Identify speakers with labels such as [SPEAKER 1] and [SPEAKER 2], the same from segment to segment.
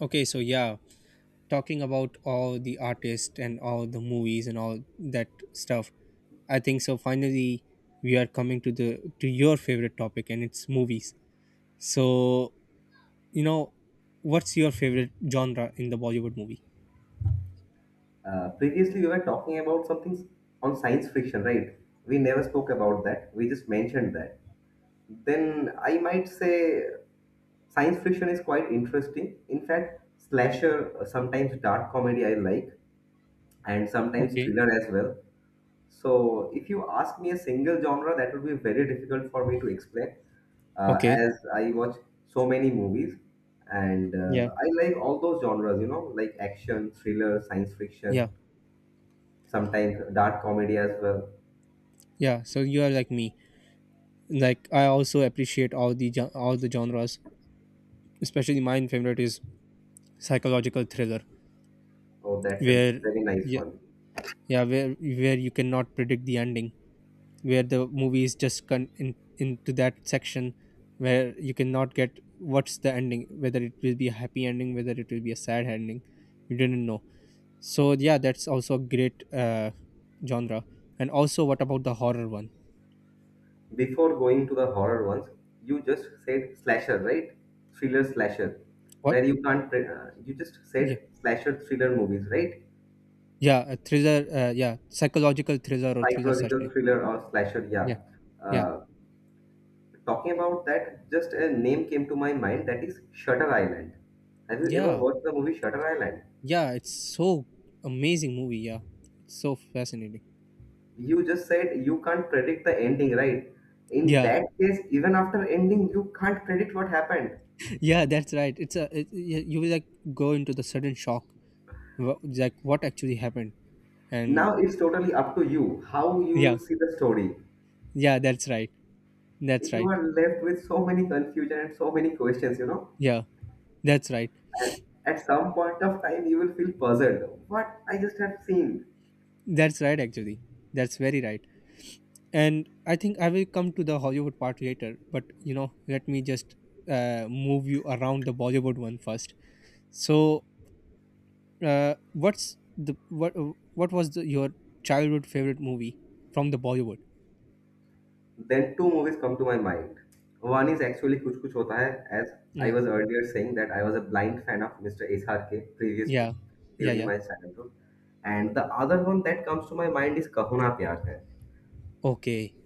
[SPEAKER 1] Okay, so yeah, talking about all the artists and all the movies and all that stuff, I think so. Finally, we are coming to the to your favorite topic, and it's movies. So you know, what's your favorite genre in the Bollywood movie?
[SPEAKER 2] Previously, we were talking about something on science fiction, right? We never spoke about that. We just mentioned that. Then I might say science fiction is quite interesting. In fact, slasher, sometimes dark comedy I like, and sometimes
[SPEAKER 1] Okay,
[SPEAKER 2] thriller as well. So if you ask me a single genre, that would be very difficult for me to explain,
[SPEAKER 1] okay,
[SPEAKER 2] as I watch so many movies, and
[SPEAKER 1] yeah,
[SPEAKER 2] I like all those genres. Like action, thriller, science fiction
[SPEAKER 1] yeah,
[SPEAKER 2] sometimes dark comedy as well.
[SPEAKER 1] yeah. So you are like me. Like I also appreciate all the genres. Especially my favorite is psychological thriller,
[SPEAKER 2] Oh, that's a
[SPEAKER 1] where,
[SPEAKER 2] very nice
[SPEAKER 1] yeah,
[SPEAKER 2] one.
[SPEAKER 1] yeah, where you cannot predict the ending, where the movie is just into that section where you cannot get what's the ending, whether it will be a happy ending, whether it will be a sad ending, you didn't know. So yeah, that's also a great genre. And also, what about the horror one?
[SPEAKER 2] Before going to the horror ones, you just said slasher, right? Thriller slasher,
[SPEAKER 1] What?
[SPEAKER 2] where you can't. You just
[SPEAKER 1] Yeah,
[SPEAKER 2] said slasher thriller movies, right?
[SPEAKER 1] yeah, a thriller, yeah, psychological thriller or thriller session.
[SPEAKER 2] Psychological thriller or slasher, yeah.
[SPEAKER 1] Yeah, yeah,
[SPEAKER 2] Uh, Talking about that, just a name came to my mind. That is Shutter Island. Have you ever
[SPEAKER 1] yeah,
[SPEAKER 2] watched the movie Shutter Island?
[SPEAKER 1] yeah, it's so amazing movie. Yeah, it's so fascinating.
[SPEAKER 2] You just said you can't predict the ending, right? In
[SPEAKER 1] Yeah,
[SPEAKER 2] that case, even after ending, you can't predict what happened.
[SPEAKER 1] yeah, that's right. You will like go into the sudden shock, like what actually happened. And
[SPEAKER 2] Now it's totally up to you how you
[SPEAKER 1] yeah,
[SPEAKER 2] will see the story.
[SPEAKER 1] yeah, that's right, that's
[SPEAKER 2] You
[SPEAKER 1] right,
[SPEAKER 2] are left with so many confusion and so many questions.
[SPEAKER 1] yeah, that's right,
[SPEAKER 2] And at some point of time you will feel puzzled. What I just have seen.
[SPEAKER 1] that's right, actually, that's very right. And I think I will come to the Hollywood part later, but let me just move you around the Bollywood one first. So what's the what was the, your childhood favorite movie from the Bollywood?
[SPEAKER 2] Then two movies come to my mind. One is actually Kuch Kuch Hota Hai, as I
[SPEAKER 1] Yeah,
[SPEAKER 2] was earlier saying that I was a blind fan of Mr. SRK previously
[SPEAKER 1] yeah, yeah,
[SPEAKER 2] during
[SPEAKER 1] yeah,
[SPEAKER 2] my childhood. And the other one that comes to my mind is Kahuna Pyar Hai.
[SPEAKER 1] okay.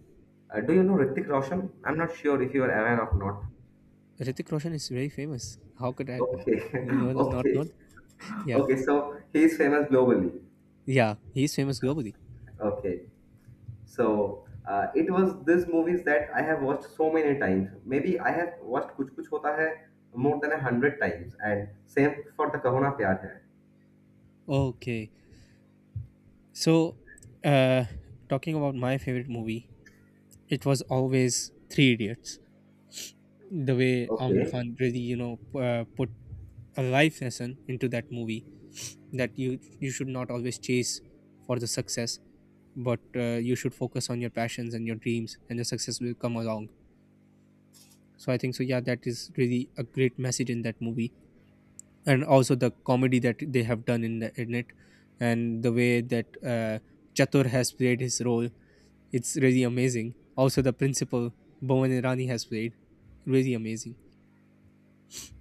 [SPEAKER 2] Do you know Ritik Roshan? I'm not sure if you are aware of not.
[SPEAKER 1] Ritik Roshan is very famous. How could I?
[SPEAKER 2] Okay.
[SPEAKER 1] No, no, not.
[SPEAKER 2] Okay.
[SPEAKER 1] Yeah.
[SPEAKER 2] Okay, so he's famous globally.
[SPEAKER 1] Yeah, he's famous globally.
[SPEAKER 2] Okay, so it was these movies that I have watched so many times. Maybe I have watched Kuch Kuch Hota Hai more than 100 times, and same for the Kahona Pyar Hai.
[SPEAKER 1] Okay. So, uh, talking about my favorite movie, it was always Three Idiots. The way Amir
[SPEAKER 2] Okay,
[SPEAKER 1] Khan really, put a life lesson into that movie, that you should not always chase for the success, but you should focus on your passions and your dreams, and the success will come along. So I think so. Yeah, that is really a great message in that movie. And also the comedy that they have done in it, and the way that Chatur has played his role. It's really amazing. Also, the principal, Bhuvan Irani, has played. Really amazing.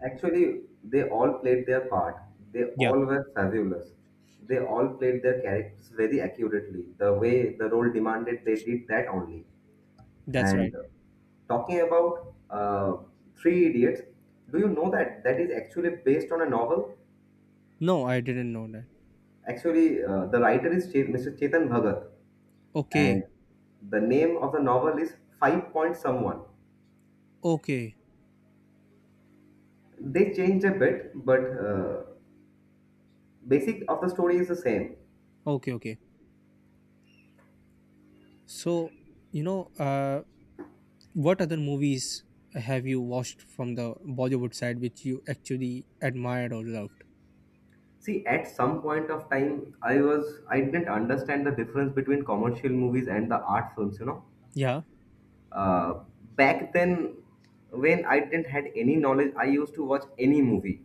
[SPEAKER 2] actually, they all played their part. They
[SPEAKER 1] Yeah,
[SPEAKER 2] all were fabulous. They all played their characters very accurately. The way the role demanded, they did that only.
[SPEAKER 1] that's right.
[SPEAKER 2] And talking about Three Idiots, do you know that that is actually based on a novel?
[SPEAKER 1] No, I didn't know that.
[SPEAKER 2] Actually, the writer is Mr. Chetan Bhagat,
[SPEAKER 1] Okay,
[SPEAKER 2] and the name of the novel is Five Point Someone.
[SPEAKER 1] okay,
[SPEAKER 2] They changed a bit, but basic of the story is the same.
[SPEAKER 1] okay, okay. So, you know, uh, what other movies have you watched from the Bollywood side which you actually admired or loved?
[SPEAKER 2] See, at some point of time, I didn't understand the difference between commercial movies and the art films.
[SPEAKER 1] Yeah,
[SPEAKER 2] Uh, Back then when I didn't had any knowledge I used to watch any movie,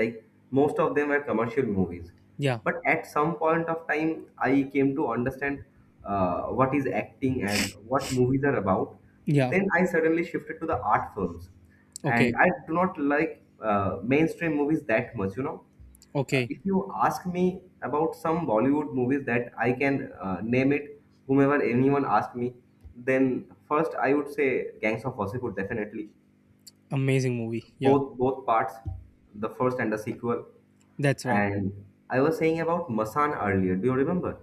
[SPEAKER 2] like most of them were commercial movies.
[SPEAKER 1] yeah,
[SPEAKER 2] But at some point of time I came to understand what is acting and what movies are about.
[SPEAKER 1] yeah.
[SPEAKER 2] Then I suddenly shifted to the art films,
[SPEAKER 1] Okay,
[SPEAKER 2] and I do not like mainstream movies that much.
[SPEAKER 1] okay.
[SPEAKER 2] If you ask me about some Bollywood movies that I can name it, whomever anyone asked me, then first I would say Gangs of Wasseypur definitely.
[SPEAKER 1] Amazing movie. Yeah,
[SPEAKER 2] Both parts, the first and the sequel.
[SPEAKER 1] that's right.
[SPEAKER 2] And I was saying about Masan earlier. Do you remember?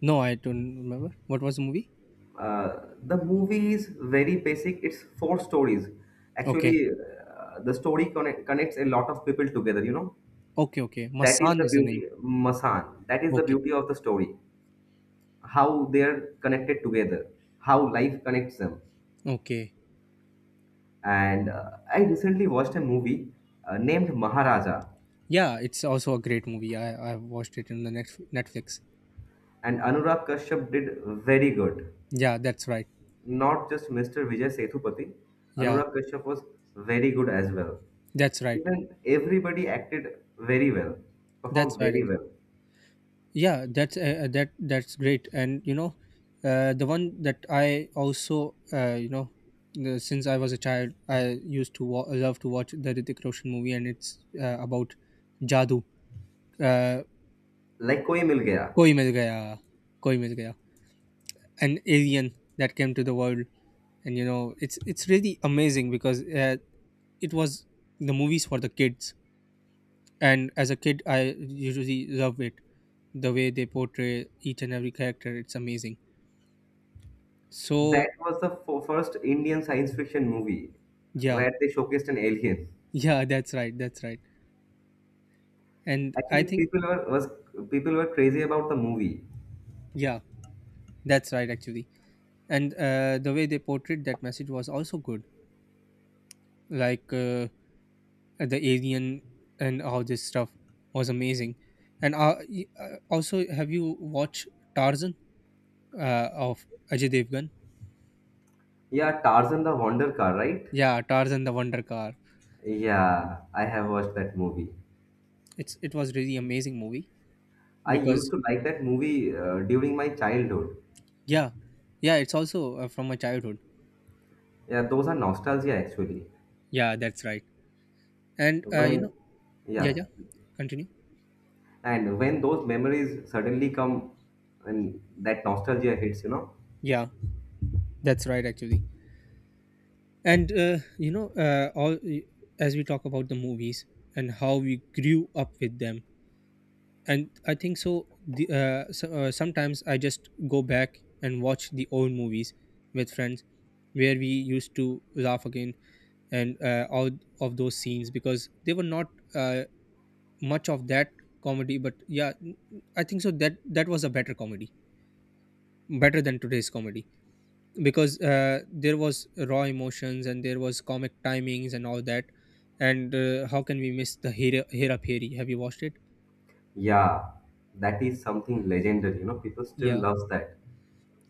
[SPEAKER 1] No, I don't remember. What was the movie?
[SPEAKER 2] Uh, the movie is very basic. It's four stories.
[SPEAKER 1] Okay.
[SPEAKER 2] Actually, the story connects a lot of people together.
[SPEAKER 1] Okay, okay.
[SPEAKER 2] That is
[SPEAKER 1] Masan
[SPEAKER 2] the
[SPEAKER 1] is the name.
[SPEAKER 2] beauty, Masan. That is the
[SPEAKER 1] Okay.
[SPEAKER 2] beauty of the story. How they're connected together, how life connects them.
[SPEAKER 1] Okay.
[SPEAKER 2] And I recently watched a movie named Maharaja,
[SPEAKER 1] Yeah, it's also a great movie. I watched it in the next Netflix.
[SPEAKER 2] and Anurag Kashyap did very good.
[SPEAKER 1] Yeah, that's right.
[SPEAKER 2] Not just Mr. Vijay Sethupathi,
[SPEAKER 1] Yeah,
[SPEAKER 2] Anurag Kashyap was very good as well.
[SPEAKER 1] that's right.
[SPEAKER 2] Even everybody acted very well,
[SPEAKER 1] That's
[SPEAKER 2] performed
[SPEAKER 1] right,
[SPEAKER 2] very
[SPEAKER 1] actually.
[SPEAKER 2] well.
[SPEAKER 1] Yeah, that's that's great. And the one that I also, since I was a child, I used to love to watch the Ritik Roshan movie, and it's about Jadoo. Uh,
[SPEAKER 2] Like Koi Mil Gaya,
[SPEAKER 1] Koi Mil Gaya. Koi Mil Gaya. An alien that came to the world, and it's really amazing because it was the movies for the kids, and as a kid I usually love it. The way they portray each and every character, it's amazing. So
[SPEAKER 2] that was the first Indian science fiction movie
[SPEAKER 1] yeah,
[SPEAKER 2] where they showcased an alien.
[SPEAKER 1] yeah, that's right, that's right. And I
[SPEAKER 2] Actually,
[SPEAKER 1] think,
[SPEAKER 2] people were crazy about the movie.
[SPEAKER 1] yeah, that's right, actually. And the way they portrayed that message was also good, like, the alien and all this stuff was amazing. And also, have you watched Tarzan of Ajay Devgan?
[SPEAKER 2] Yeah, Tarzan the Wonder Car, right?
[SPEAKER 1] Yeah, Tarzan the Wonder Car.
[SPEAKER 2] Yeah, I have watched that movie.
[SPEAKER 1] It was really amazing movie,
[SPEAKER 2] I used
[SPEAKER 1] because
[SPEAKER 2] to like that movie during my childhood.
[SPEAKER 1] yeah, yeah, it's also from my childhood.
[SPEAKER 2] Yeah, those are nostalgia actually.
[SPEAKER 1] Yeah, that's right. And you
[SPEAKER 2] When,
[SPEAKER 1] know, yeah,
[SPEAKER 2] yeah,
[SPEAKER 1] yeah, continue.
[SPEAKER 2] and when those memories suddenly come and that nostalgia hits.
[SPEAKER 1] Yeah, that's right, actually. And all as we talk about the movies and how we grew up with them, and I think so. Sometimes I just go back and watch the old movies with friends, where we used to laugh again, and all of those scenes, because they were not uh, much of that comedy. But yeah, I think so, that was a better comedy, better than today's comedy, because there was raw emotions and there was comic timings and all that. And how can we miss the Hera Peri? Have you watched it?
[SPEAKER 2] Yeah, that is something legendary, people still
[SPEAKER 1] Yeah,
[SPEAKER 2] loves that.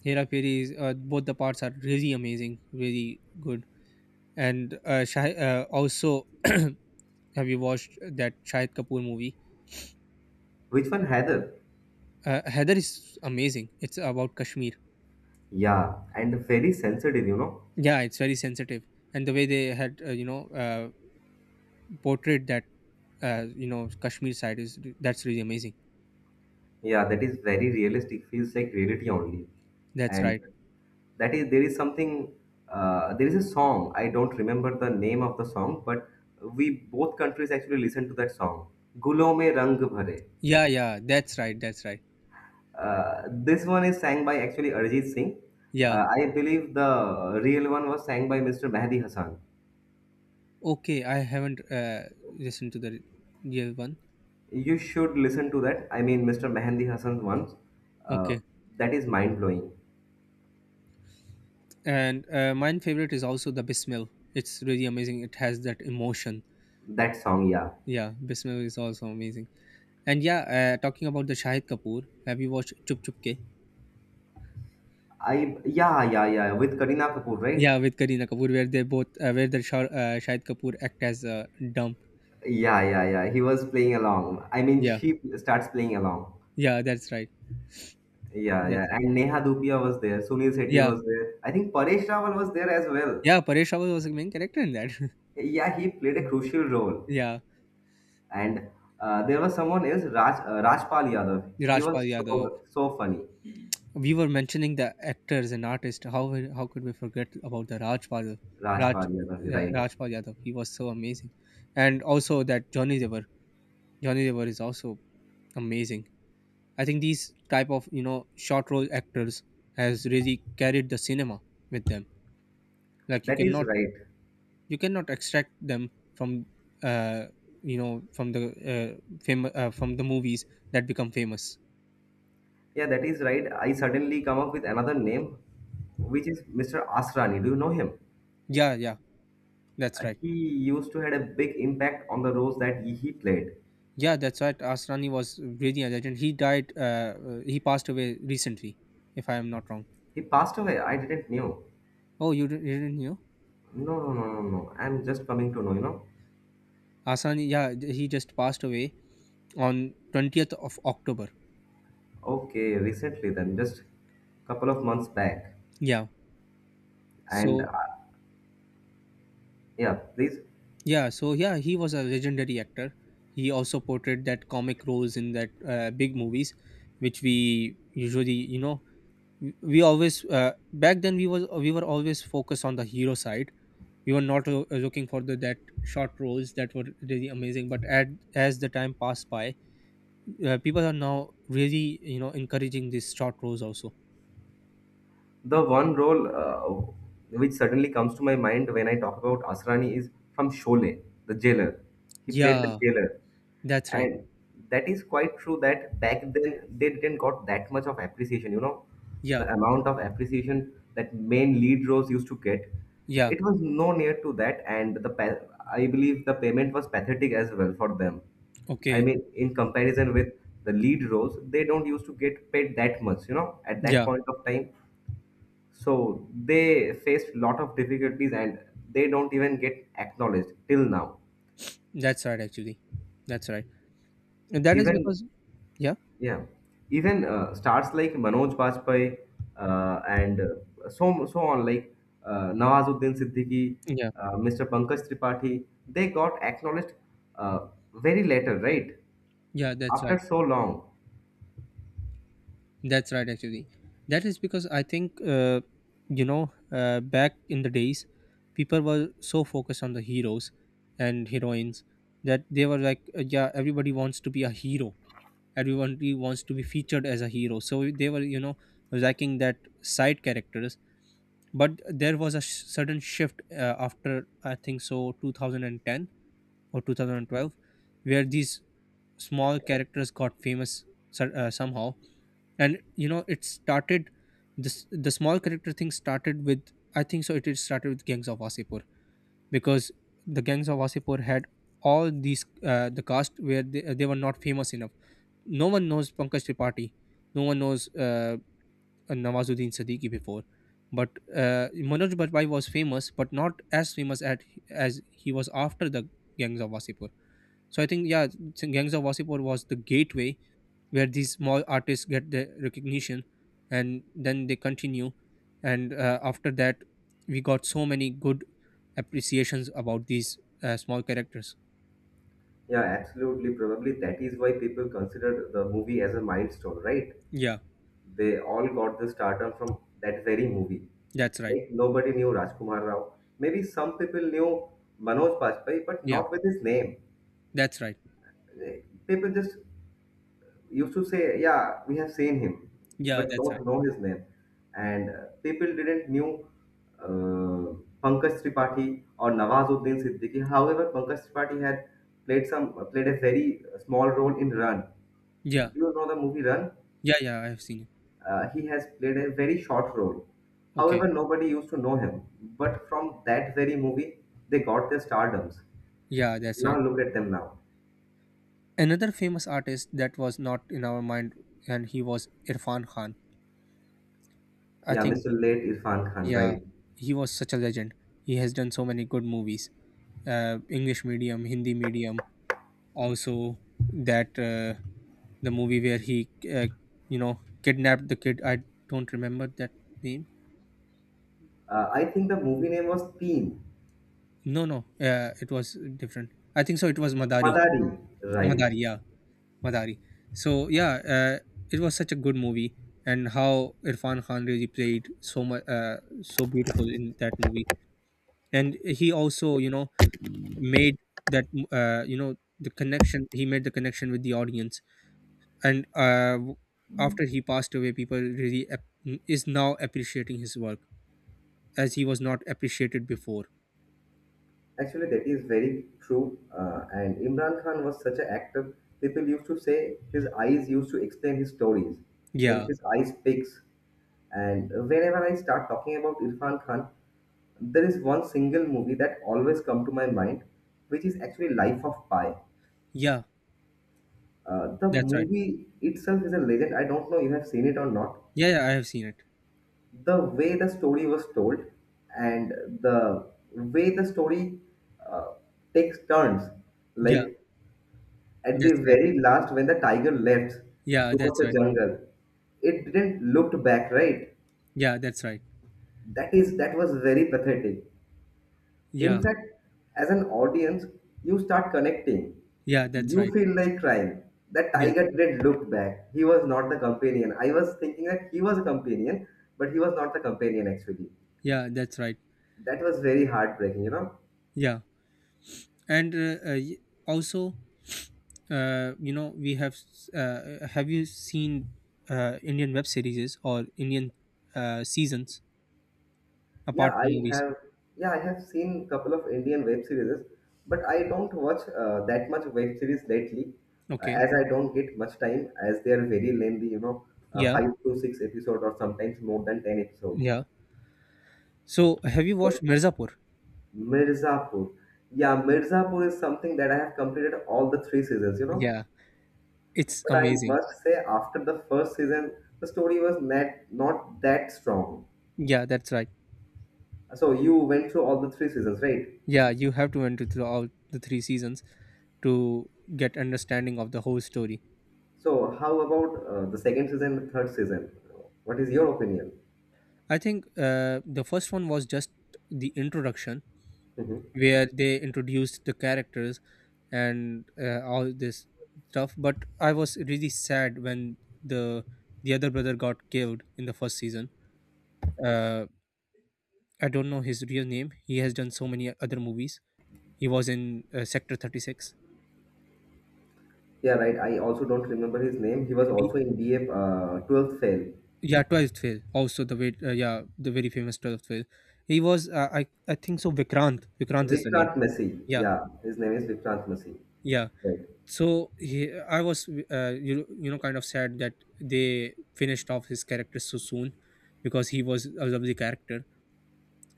[SPEAKER 1] Hera Peri is, both the parts are really amazing, really good. And also, have you watched that Shahid Kapoor movie?
[SPEAKER 2] Which one, Heather?
[SPEAKER 1] Heather is amazing. It's about Kashmir.
[SPEAKER 2] Yeah, and very sensitive.
[SPEAKER 1] Yeah, it's very sensitive, and the way they had, portrayed that, Kashmir side, is that's really amazing.
[SPEAKER 2] Yeah, that is very realistic, feels like reality only.
[SPEAKER 1] That's
[SPEAKER 2] And
[SPEAKER 1] right.
[SPEAKER 2] that is there is something, there is a song. I don't remember the name of the song, but we both countries actually listen to that song, Gulo Mein Rang Bhare.
[SPEAKER 1] Yeah, yeah, that's right. That's right.
[SPEAKER 2] This one is sang by actually Arjit Singh.
[SPEAKER 1] Yeah.
[SPEAKER 2] I believe the real one was sang by Mr. Mehdi Hassan.
[SPEAKER 1] Okay, I haven't listened to the real one.
[SPEAKER 2] You should listen to that, I mean Mr. Mehdi Hassan's ones. uh,
[SPEAKER 1] Okay,
[SPEAKER 2] that is mind blowing,
[SPEAKER 1] and mine favorite is also the Bismil. It's really amazing. It has that emotion.
[SPEAKER 2] that song, yeah.
[SPEAKER 1] Yeah, Bismil is also amazing. And yeah, talking about the Shahid Kapoor, have you watched Chup Chup Ke?
[SPEAKER 2] I Yeah, yeah, yeah, with Karina Kapoor, right?
[SPEAKER 1] Yeah, with Kareena Kapoor, where they both, where the Shahid Kapoor act as, dumb.
[SPEAKER 2] Yeah, yeah, yeah. He was playing along. I mean,
[SPEAKER 1] Yeah,
[SPEAKER 2] she starts playing along.
[SPEAKER 1] yeah, that's right.
[SPEAKER 2] Yeah,
[SPEAKER 1] That's
[SPEAKER 2] yeah.
[SPEAKER 1] right.
[SPEAKER 2] And Neha Dupia was there. Sunil Shetty
[SPEAKER 1] Yeah,
[SPEAKER 2] was there. I think Paresh Rawal was there as well.
[SPEAKER 1] yeah. Paresh Rawal was the main character in that.
[SPEAKER 2] Yeah, he played a crucial role.
[SPEAKER 1] Yeah,
[SPEAKER 2] And there was someone else, Rajpal Yadav. He
[SPEAKER 1] Rajpal
[SPEAKER 2] was
[SPEAKER 1] Yadav.
[SPEAKER 2] so so funny.
[SPEAKER 1] We were mentioning the actors and artists. How could we forget about the Rajpal, Raj
[SPEAKER 2] Rajpal Yadav,
[SPEAKER 1] yeah,
[SPEAKER 2] right?
[SPEAKER 1] Rajpal Yadav? He was so amazing, and also that Johnny Dever. Johnny Dever is also amazing. I think these type of, short role actors has really carried the cinema with them. Like, you
[SPEAKER 2] That is
[SPEAKER 1] cannot
[SPEAKER 2] right.
[SPEAKER 1] you cannot extract them from, uh, from the, from the movies that become famous.
[SPEAKER 2] Yeah, that is right. I suddenly come up with another name, which is Mr. Asrani. Do you know him?
[SPEAKER 1] Yeah, yeah, that's right,
[SPEAKER 2] He used to had a big impact on the roles that he played.
[SPEAKER 1] yeah, that's right. Asrani was really a legend. He died, he passed away recently, if I am not wrong.
[SPEAKER 2] He passed away. I didn't knew.
[SPEAKER 1] Oh, you didn't know.
[SPEAKER 2] No, no, no, no, no. I'm just coming to know.
[SPEAKER 1] Asrani, yeah, he just passed away on 20th of October.
[SPEAKER 2] Okay, recently then, just couple of months back.
[SPEAKER 1] Yeah,
[SPEAKER 2] And,
[SPEAKER 1] so
[SPEAKER 2] yeah, please.
[SPEAKER 1] yeah, so yeah, he was a legendary actor. He also portrayed that comic roles in that big movies, which we usually, we always, back then we were always focused on the hero side. We were not looking for the that short roles that were really amazing. But as the time passed by, people are now really, encouraging these short roles also.
[SPEAKER 2] The one role which suddenly comes to my mind when I talk about Asrani is from Sholay, the jailer. He played the
[SPEAKER 1] Yeah,
[SPEAKER 2] jailer.
[SPEAKER 1] that's right.
[SPEAKER 2] And that is quite true that back then they didn't got that much of appreciation.
[SPEAKER 1] Yeah,
[SPEAKER 2] The amount of appreciation that main lead roles used to get,
[SPEAKER 1] yeah,
[SPEAKER 2] it was no near to that, and I believe the payment was pathetic as well for them. I
[SPEAKER 1] okay,
[SPEAKER 2] mean, in comparison with the lead roles, they don't used to get paid that much at that
[SPEAKER 1] yeah,
[SPEAKER 2] point of time. So they faced lot of difficulties, and they don't even get acknowledged till now,
[SPEAKER 1] that's right, actually, that's right, and that is
[SPEAKER 2] even.
[SPEAKER 1] because yeah,
[SPEAKER 2] Yeah, even stars like Manoj Bajpayee, and so on, like Nawazuddin Siddiqui,
[SPEAKER 1] yeah,
[SPEAKER 2] Mr. Pankaj Tripathi, they got acknowledged uh, very later, right?
[SPEAKER 1] yeah, that's
[SPEAKER 2] After
[SPEAKER 1] right.
[SPEAKER 2] so long.
[SPEAKER 1] That's right, actually. That is because I think, back in the days, people were so focused on the heroes and heroines that they were like, yeah, everybody wants to be a hero. Everybody wants to be featured as a hero. So they were, lacking that side characters. But there was a sudden shift, after, I think so, 2010 or 2012, where these small characters got famous somehow. And it started this the small character thing, started with, I think so, it started with Gangs of Wasipur, because the Gangs of Wasipur had all the cast where they were not famous enough. No one knows Pankaj Tripathi, no one knows, Nawazuddin Siddiqui before. But uh, Manoj Barbai was famous, but not as famous as he was after the Gangs of Wasipur. So I think, yeah, Gangs of Wasipur was the gateway where these small artists get the recognition, and then they continue. And after that, we got so many good appreciations about these small characters.
[SPEAKER 2] Yeah, absolutely. Probably that is why people consider the movie as a milestone, right?
[SPEAKER 1] Yeah,
[SPEAKER 2] They all got the stardom from that very movie.
[SPEAKER 1] that's right,
[SPEAKER 2] Like nobody knew Rajkumar Rao. Maybe some people knew Manoj Bajpayee, but
[SPEAKER 1] yeah,
[SPEAKER 2] not with his name.
[SPEAKER 1] that's right,
[SPEAKER 2] Like, people just used to say, yeah, we have seen him,
[SPEAKER 1] yeah,
[SPEAKER 2] but
[SPEAKER 1] that's right,
[SPEAKER 2] don't know his name. And people didn't knew uh, Pankaj Tripathi or Nawazuddin Siddiqui. However, Pankaj Tripathi had played a very small role in Run.
[SPEAKER 1] yeah,
[SPEAKER 2] Do you know the movie Run?
[SPEAKER 1] yeah, yeah, I have seen it.
[SPEAKER 2] He has played a very short role.
[SPEAKER 1] Okay,
[SPEAKER 2] However, nobody used to know him. But from that very movie, they got their stardoms.
[SPEAKER 1] yeah, that's
[SPEAKER 2] Now
[SPEAKER 1] right.
[SPEAKER 2] look at them now.
[SPEAKER 1] Another famous artist that was not in our mind, and he was Irfan Khan, I
[SPEAKER 2] Yeah,
[SPEAKER 1] think.
[SPEAKER 2] Mr. Late Irfan Khan,
[SPEAKER 1] Yeah,
[SPEAKER 2] right?
[SPEAKER 1] he was such a legend. He has done so many good movies, English Medium, Hindi Medium, also that, the movie where he, kidnapped the kid. I don't remember that name.
[SPEAKER 2] I think the movie name was Teen.
[SPEAKER 1] No, no, it was different. I think so, it was Madari.
[SPEAKER 2] Madari, right.
[SPEAKER 1] Madari, yeah, Madari. So yeah, it was such a good movie, and how Irfan Khan really played so much, so beautiful in that movie. And he also, made that, uh, you know the connection, he made the connection with the audience. And after he passed away, people really, is now appreciating his work, as he was not appreciated before.
[SPEAKER 2] Actually, that is very true. And Imran Khan was such an actor. People used to say his eyes used to explain his stories, like
[SPEAKER 1] Yeah,
[SPEAKER 2] his eyes speaks. And whenever I start talking about Irfan Khan, there is one single movie that always come to my mind, which is actually Life of Pi.
[SPEAKER 1] yeah,
[SPEAKER 2] The
[SPEAKER 1] that's right.
[SPEAKER 2] movie itself is a legend. I don't know you have seen it or not,
[SPEAKER 1] Yeah, yeah, I have seen it.
[SPEAKER 2] the way the story was told and the way the story uh, takes turns,
[SPEAKER 1] Yeah,
[SPEAKER 2] like at the
[SPEAKER 1] that's right,
[SPEAKER 2] very last when the tiger left
[SPEAKER 1] yeah,
[SPEAKER 2] towards
[SPEAKER 1] that's
[SPEAKER 2] the
[SPEAKER 1] right,
[SPEAKER 2] jungle. It didn't look back, right?
[SPEAKER 1] yeah, that's right,
[SPEAKER 2] That was very pathetic. In
[SPEAKER 1] yeah,
[SPEAKER 2] fact, as an audience, you start connecting.
[SPEAKER 1] yeah, that's
[SPEAKER 2] You
[SPEAKER 1] right,
[SPEAKER 2] feel like crying. That
[SPEAKER 1] yes,
[SPEAKER 2] tiger didn't look back. He was not the companion. I was thinking that he was a companion, but he was not the companion actually.
[SPEAKER 1] yeah, that's right.
[SPEAKER 2] That was very heartbreaking.
[SPEAKER 1] Yeah, and also, we have, have you seen, Indian web series or Indian, seasons,
[SPEAKER 2] Yeah,
[SPEAKER 1] apart from movies?
[SPEAKER 2] I have seen couple of Indian web series, but I don't watch that much web series lately,
[SPEAKER 1] Okay,
[SPEAKER 2] as I don't get much time, as they are very lengthy,
[SPEAKER 1] yeah,
[SPEAKER 2] five to six episode or sometimes more than 10 episodes.
[SPEAKER 1] yeah. So, have you watched
[SPEAKER 2] So
[SPEAKER 1] Mirzapur?
[SPEAKER 2] Mirzapur, yeah, Mirzapur is something that I have completed all the three seasons.
[SPEAKER 1] Yeah, it's
[SPEAKER 2] But I
[SPEAKER 1] amazing.
[SPEAKER 2] must say, after the first season, the story was not that strong.
[SPEAKER 1] Yeah, that's right.
[SPEAKER 2] So you went through all the three seasons, right?
[SPEAKER 1] Yeah, you have to went through all the three seasons to get understanding of the whole story.
[SPEAKER 2] So, how about the second season, and the third season? What is your opinion?
[SPEAKER 1] I think the first one was just the introduction
[SPEAKER 2] Hmm.
[SPEAKER 1] where they introduced the characters and all this stuff. But I was really sad when the the other brother got killed in the first season. Uh, I don't know his real name. He has done so many other movies. He was in Sector 36
[SPEAKER 2] Yeah, right. I also don't remember his name. He was
[SPEAKER 1] maybe.
[SPEAKER 2] also in BA 12th fail.
[SPEAKER 1] Yeah, 12th fail also, the very yeah, the very famous 12th fail, he was I think so, Vikrant is the name.
[SPEAKER 2] Vikrant Messi.
[SPEAKER 1] Yeah,
[SPEAKER 2] Yeah, his name is Vikrant Messi.
[SPEAKER 1] yeah,
[SPEAKER 2] Right.
[SPEAKER 1] so he, I was you, you know kind of sad that they finished off his character so soon because he was a lovely character.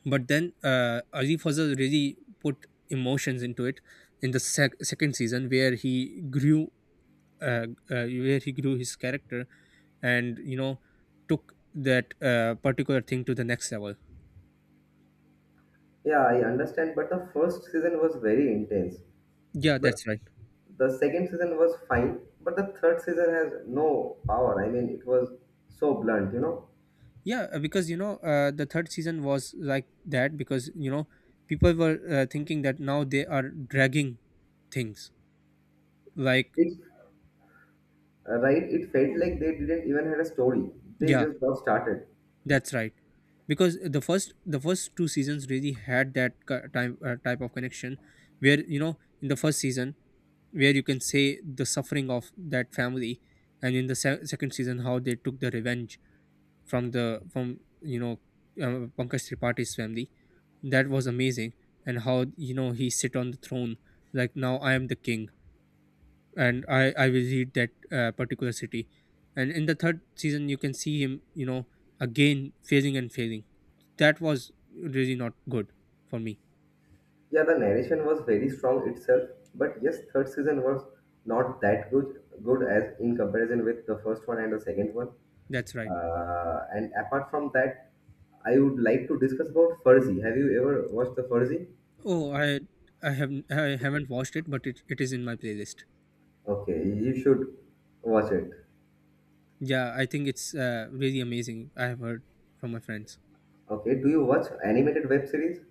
[SPEAKER 1] But then Arif Fazal really put emotions into it in the second season where he grew, where he grew his character and took that particular thing to the next level.
[SPEAKER 2] Yeah, I understand. But the first season was very intense.
[SPEAKER 1] Yeah,
[SPEAKER 2] But
[SPEAKER 1] that's right.
[SPEAKER 2] the second season was fine. But the third season has no power. I mean, it was so blunt, you know?
[SPEAKER 1] Yeah, because the third season was like that because people were thinking that now they are dragging things. Like,
[SPEAKER 2] It, right? It felt like they didn't even had a story. They
[SPEAKER 1] yeah,
[SPEAKER 2] just got started.
[SPEAKER 1] that's right. Because the first two seasons really had that time type of connection, where in the first season, where you can say the suffering of that family, and in the second season, how they took the revenge from the from you know, Pankaj Tripaఠi's family. That was amazing. And how he sit on the throne, like, now I am the king and I will lead that particular city. And in the third season you can see him, again failing and failing. That was really not good for me.
[SPEAKER 2] Yeah, the narration was very strong itself, but yes, third season was not that good as in comparison with the first one and the second one.
[SPEAKER 1] That's right.
[SPEAKER 2] And apart from that, I would like to discuss about Furzy. Have you ever watched the Furzy?
[SPEAKER 1] Oh, I have, I haven't watched it, but it is in my playlist.
[SPEAKER 2] Okay, you should watch it.
[SPEAKER 1] Yeah, I think it's really amazing. I have heard from my friends.
[SPEAKER 2] Okay, do you watch animated web series?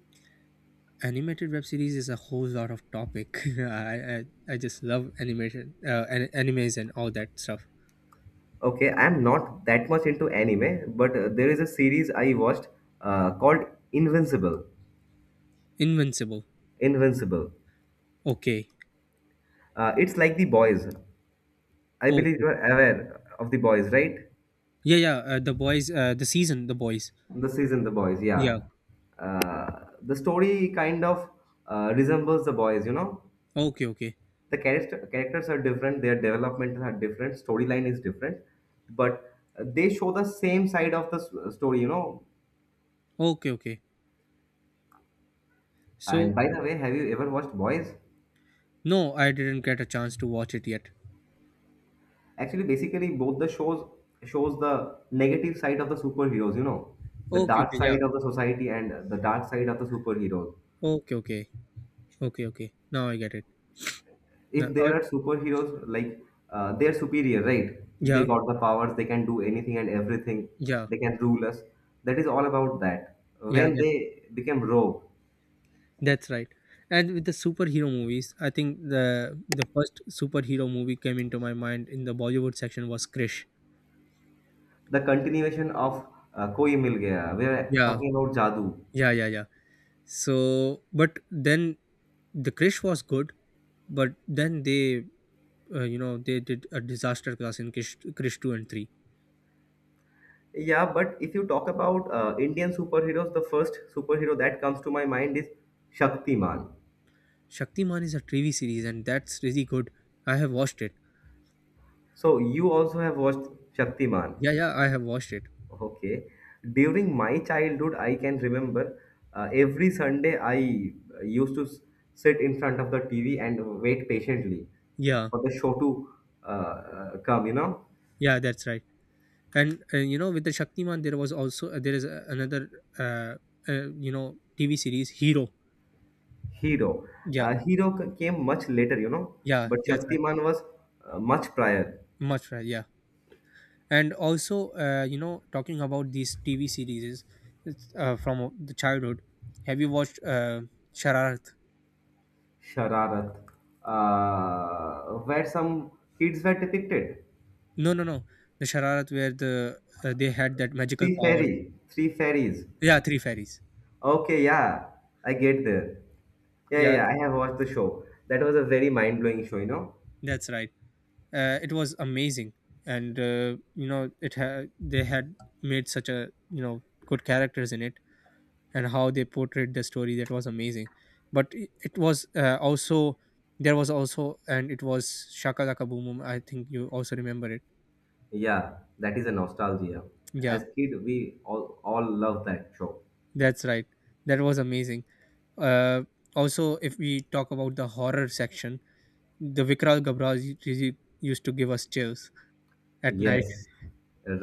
[SPEAKER 1] Animated web series is a whole lot of topic. I, I I just love animation, animes and all that stuff.
[SPEAKER 2] Okay, I'm not that much into anime, but there is a series I watched called Invincible.
[SPEAKER 1] Invincible.
[SPEAKER 2] Invincible.
[SPEAKER 1] Okay.
[SPEAKER 2] It's like The Boys. I believe you
[SPEAKER 1] Okay,
[SPEAKER 2] are aware of the boys, right?
[SPEAKER 1] yeah, yeah, the boys, the boys.
[SPEAKER 2] The season, the boys,
[SPEAKER 1] Yeah.
[SPEAKER 2] yeah. Uh, the story kind of resembles the boys, you know.
[SPEAKER 1] Okay, okay.
[SPEAKER 2] The characters are different, their development are different, storyline is different, but they show the same side of the story, you know.
[SPEAKER 1] Okay, okay.
[SPEAKER 2] And
[SPEAKER 1] So
[SPEAKER 2] by the way, have you ever watched Boys?
[SPEAKER 1] no, I didn't get a chance to watch it yet.
[SPEAKER 2] Actually, basically, both the shows the negative side of the superheroes, you know, the
[SPEAKER 1] Okay,
[SPEAKER 2] dark
[SPEAKER 1] okay, yeah.
[SPEAKER 2] side of the society and the dark side of the superheroes.
[SPEAKER 1] Okay, okay. Okay, okay, now I get it. Now,
[SPEAKER 2] If there are superheroes, like they're superior, right, they
[SPEAKER 1] yeah.
[SPEAKER 2] got the powers, they can do anything and everything,
[SPEAKER 1] Yeah,
[SPEAKER 2] they can rule us. That is all about that
[SPEAKER 1] yeah.
[SPEAKER 2] when they became rogue,
[SPEAKER 1] That's right. And with the superhero movies, I think the first superhero movie came into my mind in the Bollywood section was Krish.
[SPEAKER 2] the continuation of koi mil gaya. We are
[SPEAKER 1] Yeah,
[SPEAKER 2] talking about jadoo.
[SPEAKER 1] yeah, yeah, yeah. So, but then the Krish was good, but then they, they did a disaster class in Krish, Krish 2 and 3.
[SPEAKER 2] Yeah, but if you talk about Indian superheroes, the first superhero that comes to my mind is Shaktiman.
[SPEAKER 1] Shaktiman is a TV series, and that's really good. I have watched it.
[SPEAKER 2] So you also have watched Shaktiman.
[SPEAKER 1] Yeah, yeah, I have watched it.
[SPEAKER 2] Okay. During my childhood, I can remember every Sunday I used to sit in front of the TV and wait patiently
[SPEAKER 1] Yeah,
[SPEAKER 2] for the show to come, you know.
[SPEAKER 1] yeah, that's right. And with the Shaktiman there was also, there is another, uh, TV series Hero.
[SPEAKER 2] Hero.
[SPEAKER 1] Yeah,
[SPEAKER 2] Hero came much later, you know,
[SPEAKER 1] yeah,
[SPEAKER 2] but
[SPEAKER 1] that's right.
[SPEAKER 2] Shaktiman was much prior.
[SPEAKER 1] Much right, yeah. And also, talking about these TV series from the childhood, have you watched Shararat?
[SPEAKER 2] Shararat, where some kids were depicted.
[SPEAKER 1] No, no, no, the Shararat where the, they had that magical powers.
[SPEAKER 2] Three fairies.
[SPEAKER 1] Yeah, three fairies.
[SPEAKER 2] Okay, yeah, I get there.
[SPEAKER 1] Yeah,
[SPEAKER 2] Yeah, I have watched the show. That was a very mind-blowing show, you know?
[SPEAKER 1] that's right. It was amazing. And they had made such, a good characters in it, and how they portrayed the story, that was amazing. But it was also, there was also, and it was Shaka Laka Boom Boom, I think you also remember it.
[SPEAKER 2] Yeah, that is a nostalgia.
[SPEAKER 1] Yeah,
[SPEAKER 2] As kid, we all love that show.
[SPEAKER 1] that's right. That was amazing. uh, also if we talk about the horror section, the Vikral Gabraz used to give us chills at night.
[SPEAKER 2] Yes,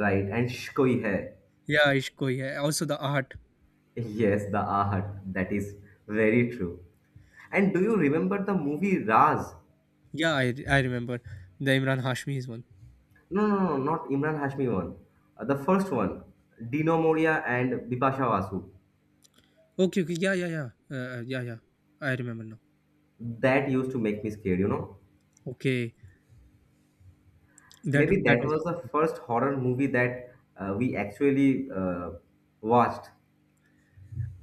[SPEAKER 2] right. And "Shh, koi hai."
[SPEAKER 1] Yeah, Ishko, yeah, also the Art.
[SPEAKER 2] Yes, the Ahat. That is very true. And do you remember the movie Raz?
[SPEAKER 1] Yeah, I remember the Imran Hashmi's one.
[SPEAKER 2] No, no, no, not Imran Hashmi one. The first one, Dino Moria and Bipasha Basu.
[SPEAKER 1] Okay, okay, yeah, yeah, yeah. Yeah, yeah, I remember now.
[SPEAKER 2] That used to make me scared, you know?
[SPEAKER 1] Okay, that
[SPEAKER 2] Maybe
[SPEAKER 1] that
[SPEAKER 2] that
[SPEAKER 1] was
[SPEAKER 2] was the
[SPEAKER 1] awesome.
[SPEAKER 2] first horror movie that we actually watched.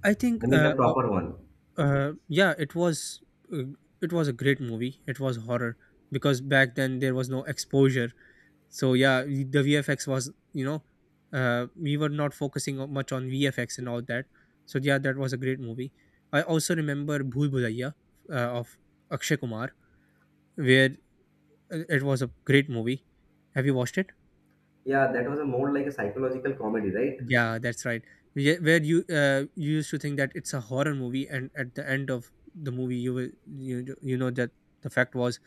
[SPEAKER 1] I think
[SPEAKER 2] I mean, the proper one.
[SPEAKER 1] yeah, uh, it was a great movie. It was horror because back then there was no exposure. So yeah, the VFX was, we were not focusing much on VFX and all that. So yeah, that was a great movie. I also remember Bhul Bhulaiya of Akshay Kumar, where, it was a great movie. Have you watched it?
[SPEAKER 2] Yeah, that was a more like a psychological comedy, right?
[SPEAKER 1] Yeah, that's right. Yeah, where you used to think that it's a horror movie, and at the end of the movie you will, you, you know that the fact was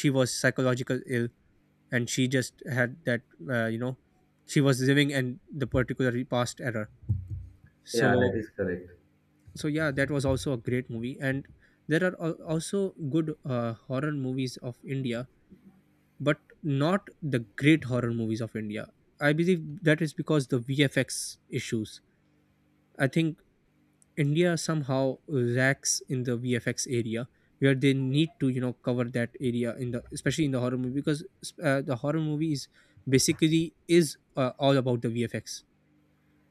[SPEAKER 1] she was psychological ill, and she just had that, uh, you know she was living in the particular past era. So,
[SPEAKER 2] Yeah, that is correct.
[SPEAKER 1] so yeah, that was also a great movie. And there are also good horror movies of India, but not the great horror movies of India. I believe that is because the VFX issues, I think India somehow lacks in the VFX area, where they need to, cover that area, in the, especially in the horror movie, because the horror movie is basically is all about the VFX.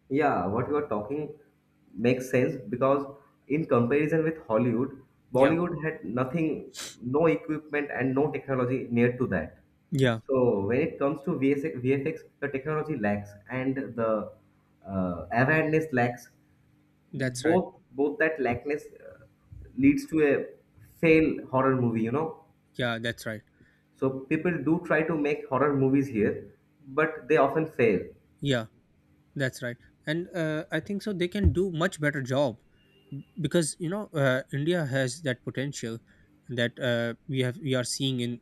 [SPEAKER 2] Yeah, what you are talking makes sense because in comparison with Hollywood,
[SPEAKER 1] Yeah,
[SPEAKER 2] Bollywood had nothing, no equipment and no technology near to that.
[SPEAKER 1] yeah,
[SPEAKER 2] So when it comes to VS VFX, the technology lacks and the awareness lacks.
[SPEAKER 1] that's right.
[SPEAKER 2] Both that lackness leads to a fail horror movie, you know.
[SPEAKER 1] Yeah, that's right.
[SPEAKER 2] So people do try to make horror movies here, but they often fail.
[SPEAKER 1] Yeah, that's right. And I think so they can do much better job, because India has that potential that we are seeing in,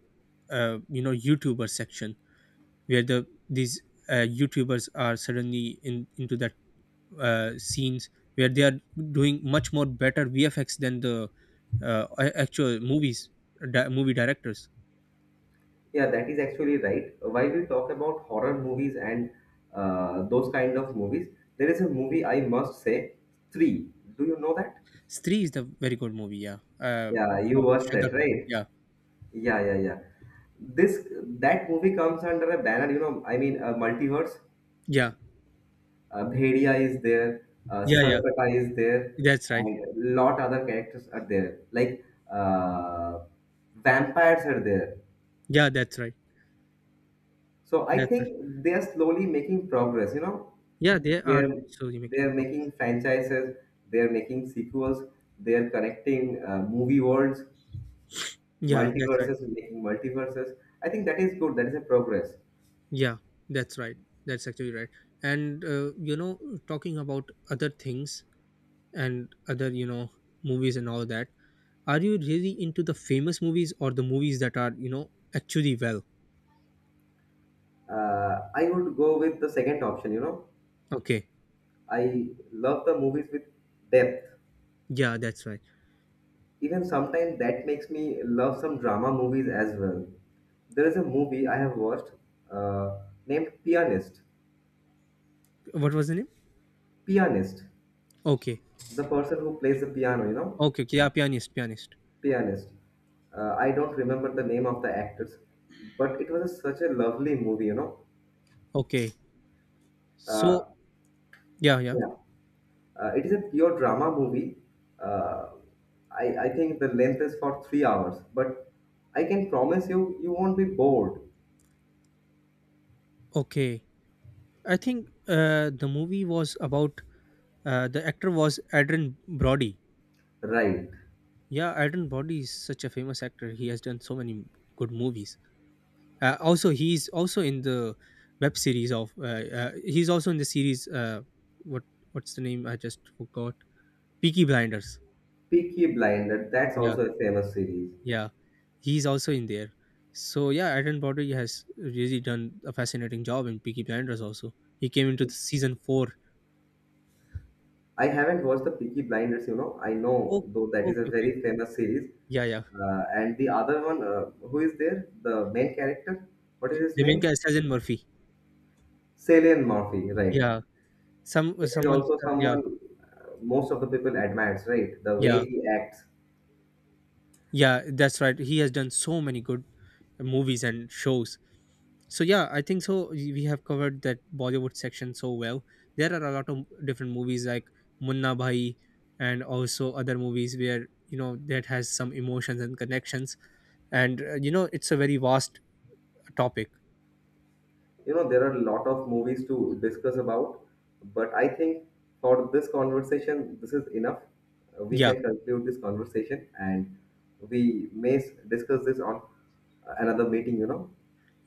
[SPEAKER 1] YouTuber section, where these YouTubers are suddenly in into that scenes, where they are doing much more better VFX than the actual movies, movie directors.
[SPEAKER 2] Yeah, that is actually right. While we talk about horror movies and those kind of movies, there is a movie I must say, three. Do you know that?
[SPEAKER 1] Stree is the very good movie, yeah, uh
[SPEAKER 2] Yeah, you
[SPEAKER 1] of
[SPEAKER 2] watched
[SPEAKER 1] Shraddha
[SPEAKER 2] that,
[SPEAKER 1] Kapoor,
[SPEAKER 2] right?
[SPEAKER 1] yeah.
[SPEAKER 2] Yeah, yeah, yeah, this, that movie comes under a banner, you know, I mean a multiverse.
[SPEAKER 1] Yeah,
[SPEAKER 2] Bhedia is there,
[SPEAKER 1] yeah, yeah,
[SPEAKER 2] Sarpata is there,
[SPEAKER 1] that's right.
[SPEAKER 2] and lot other characters are there. Like uh, vampires are there.
[SPEAKER 1] Yeah, that's right.
[SPEAKER 2] So I
[SPEAKER 1] That's right.
[SPEAKER 2] think they are slowly making progress. You know,
[SPEAKER 1] Yeah, they are
[SPEAKER 2] they're
[SPEAKER 1] slowly making progress.
[SPEAKER 2] making franchises, they're making sequels, they're connecting movie worlds,
[SPEAKER 1] Yeah, that's right.
[SPEAKER 2] multiverses, making multiverses. I think that is good. That is a progress.
[SPEAKER 1] Yeah, that's right. That's actually right. And talking about other things, and other, movies and all that, are you really into the famous movies or the movies that are, actually well?
[SPEAKER 2] I would go with the second option. You know,
[SPEAKER 1] Okay,
[SPEAKER 2] I love the movies with depth.
[SPEAKER 1] yeah, that's right.
[SPEAKER 2] Even sometimes that makes me love some drama movies as well. There is a movie I have watched uh, named Pianist.
[SPEAKER 1] What was the name?
[SPEAKER 2] Pianist,
[SPEAKER 1] Okay,
[SPEAKER 2] the person who plays the piano, you know,
[SPEAKER 1] okay, okay. Yeah, pianist
[SPEAKER 2] pianist. I don't remember the name of the actors, but it was a, such a lovely movie, you know.
[SPEAKER 1] Okay. So,
[SPEAKER 2] Uh,
[SPEAKER 1] yeah, yeah.
[SPEAKER 2] yeah, it is a pure drama movie. Uh, I think the length is for 3 hours, but I can promise you, you won't be bored,
[SPEAKER 1] Okay, I think the movie was about, the actor was Adrian Brody.
[SPEAKER 2] right?
[SPEAKER 1] Yeah, Adrian Brody is such a famous actor. He has done so many good movies. Also, he's also in the web series of. He's also in the series. What what's the name? I just forgot. Peaky Blinders.
[SPEAKER 2] Peaky Blinders, that's
[SPEAKER 1] Yeah,
[SPEAKER 2] also a famous series.
[SPEAKER 1] yeah. He's also in there. So yeah, Adam Brody has really done a fascinating job in Peaky Blinders. Also, he came into the season 4.
[SPEAKER 2] I haven't watched the Peaky Blinders, you know. I
[SPEAKER 1] Oh,
[SPEAKER 2] know, though that is a
[SPEAKER 1] okay, okay.
[SPEAKER 2] very famous series.
[SPEAKER 1] Yeah, yeah.
[SPEAKER 2] And the other one, who is there? The main character? What is his
[SPEAKER 1] The main
[SPEAKER 2] name?
[SPEAKER 1] character is in Murphy.
[SPEAKER 2] Cillian Murphy, right.
[SPEAKER 1] Yeah. Some
[SPEAKER 2] He is
[SPEAKER 1] someone's.
[SPEAKER 2] also
[SPEAKER 1] Yeah,
[SPEAKER 2] someone most of the people admires, right? The
[SPEAKER 1] yeah,
[SPEAKER 2] way he acts.
[SPEAKER 1] yeah. That's right. He has done so many good movies and shows. So yeah, I think so. We have covered that Bollywood section so well. There are a lot of different movies like Munna Bhai and also other movies where, that has some emotions and connections. And it's a very vast topic.
[SPEAKER 2] You know, there are a lot of movies to discuss about, but I think for this conversation, this is enough. We
[SPEAKER 1] Yeah,
[SPEAKER 2] can conclude this conversation and we may discuss this on another meeting, you know.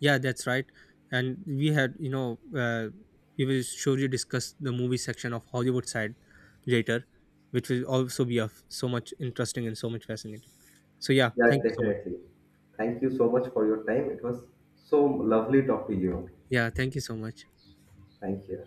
[SPEAKER 1] yeah, that's right. And we had, we will surely discuss the movie section of Hollywood side later, which will also be of so much interesting and so much fascinating. So yeah,
[SPEAKER 2] Yeah,
[SPEAKER 1] thank you so much.
[SPEAKER 2] definitely. Thank you so much for your time. It was so lovely talking to you.
[SPEAKER 1] Yeah, thank you so much.
[SPEAKER 2] Thank you.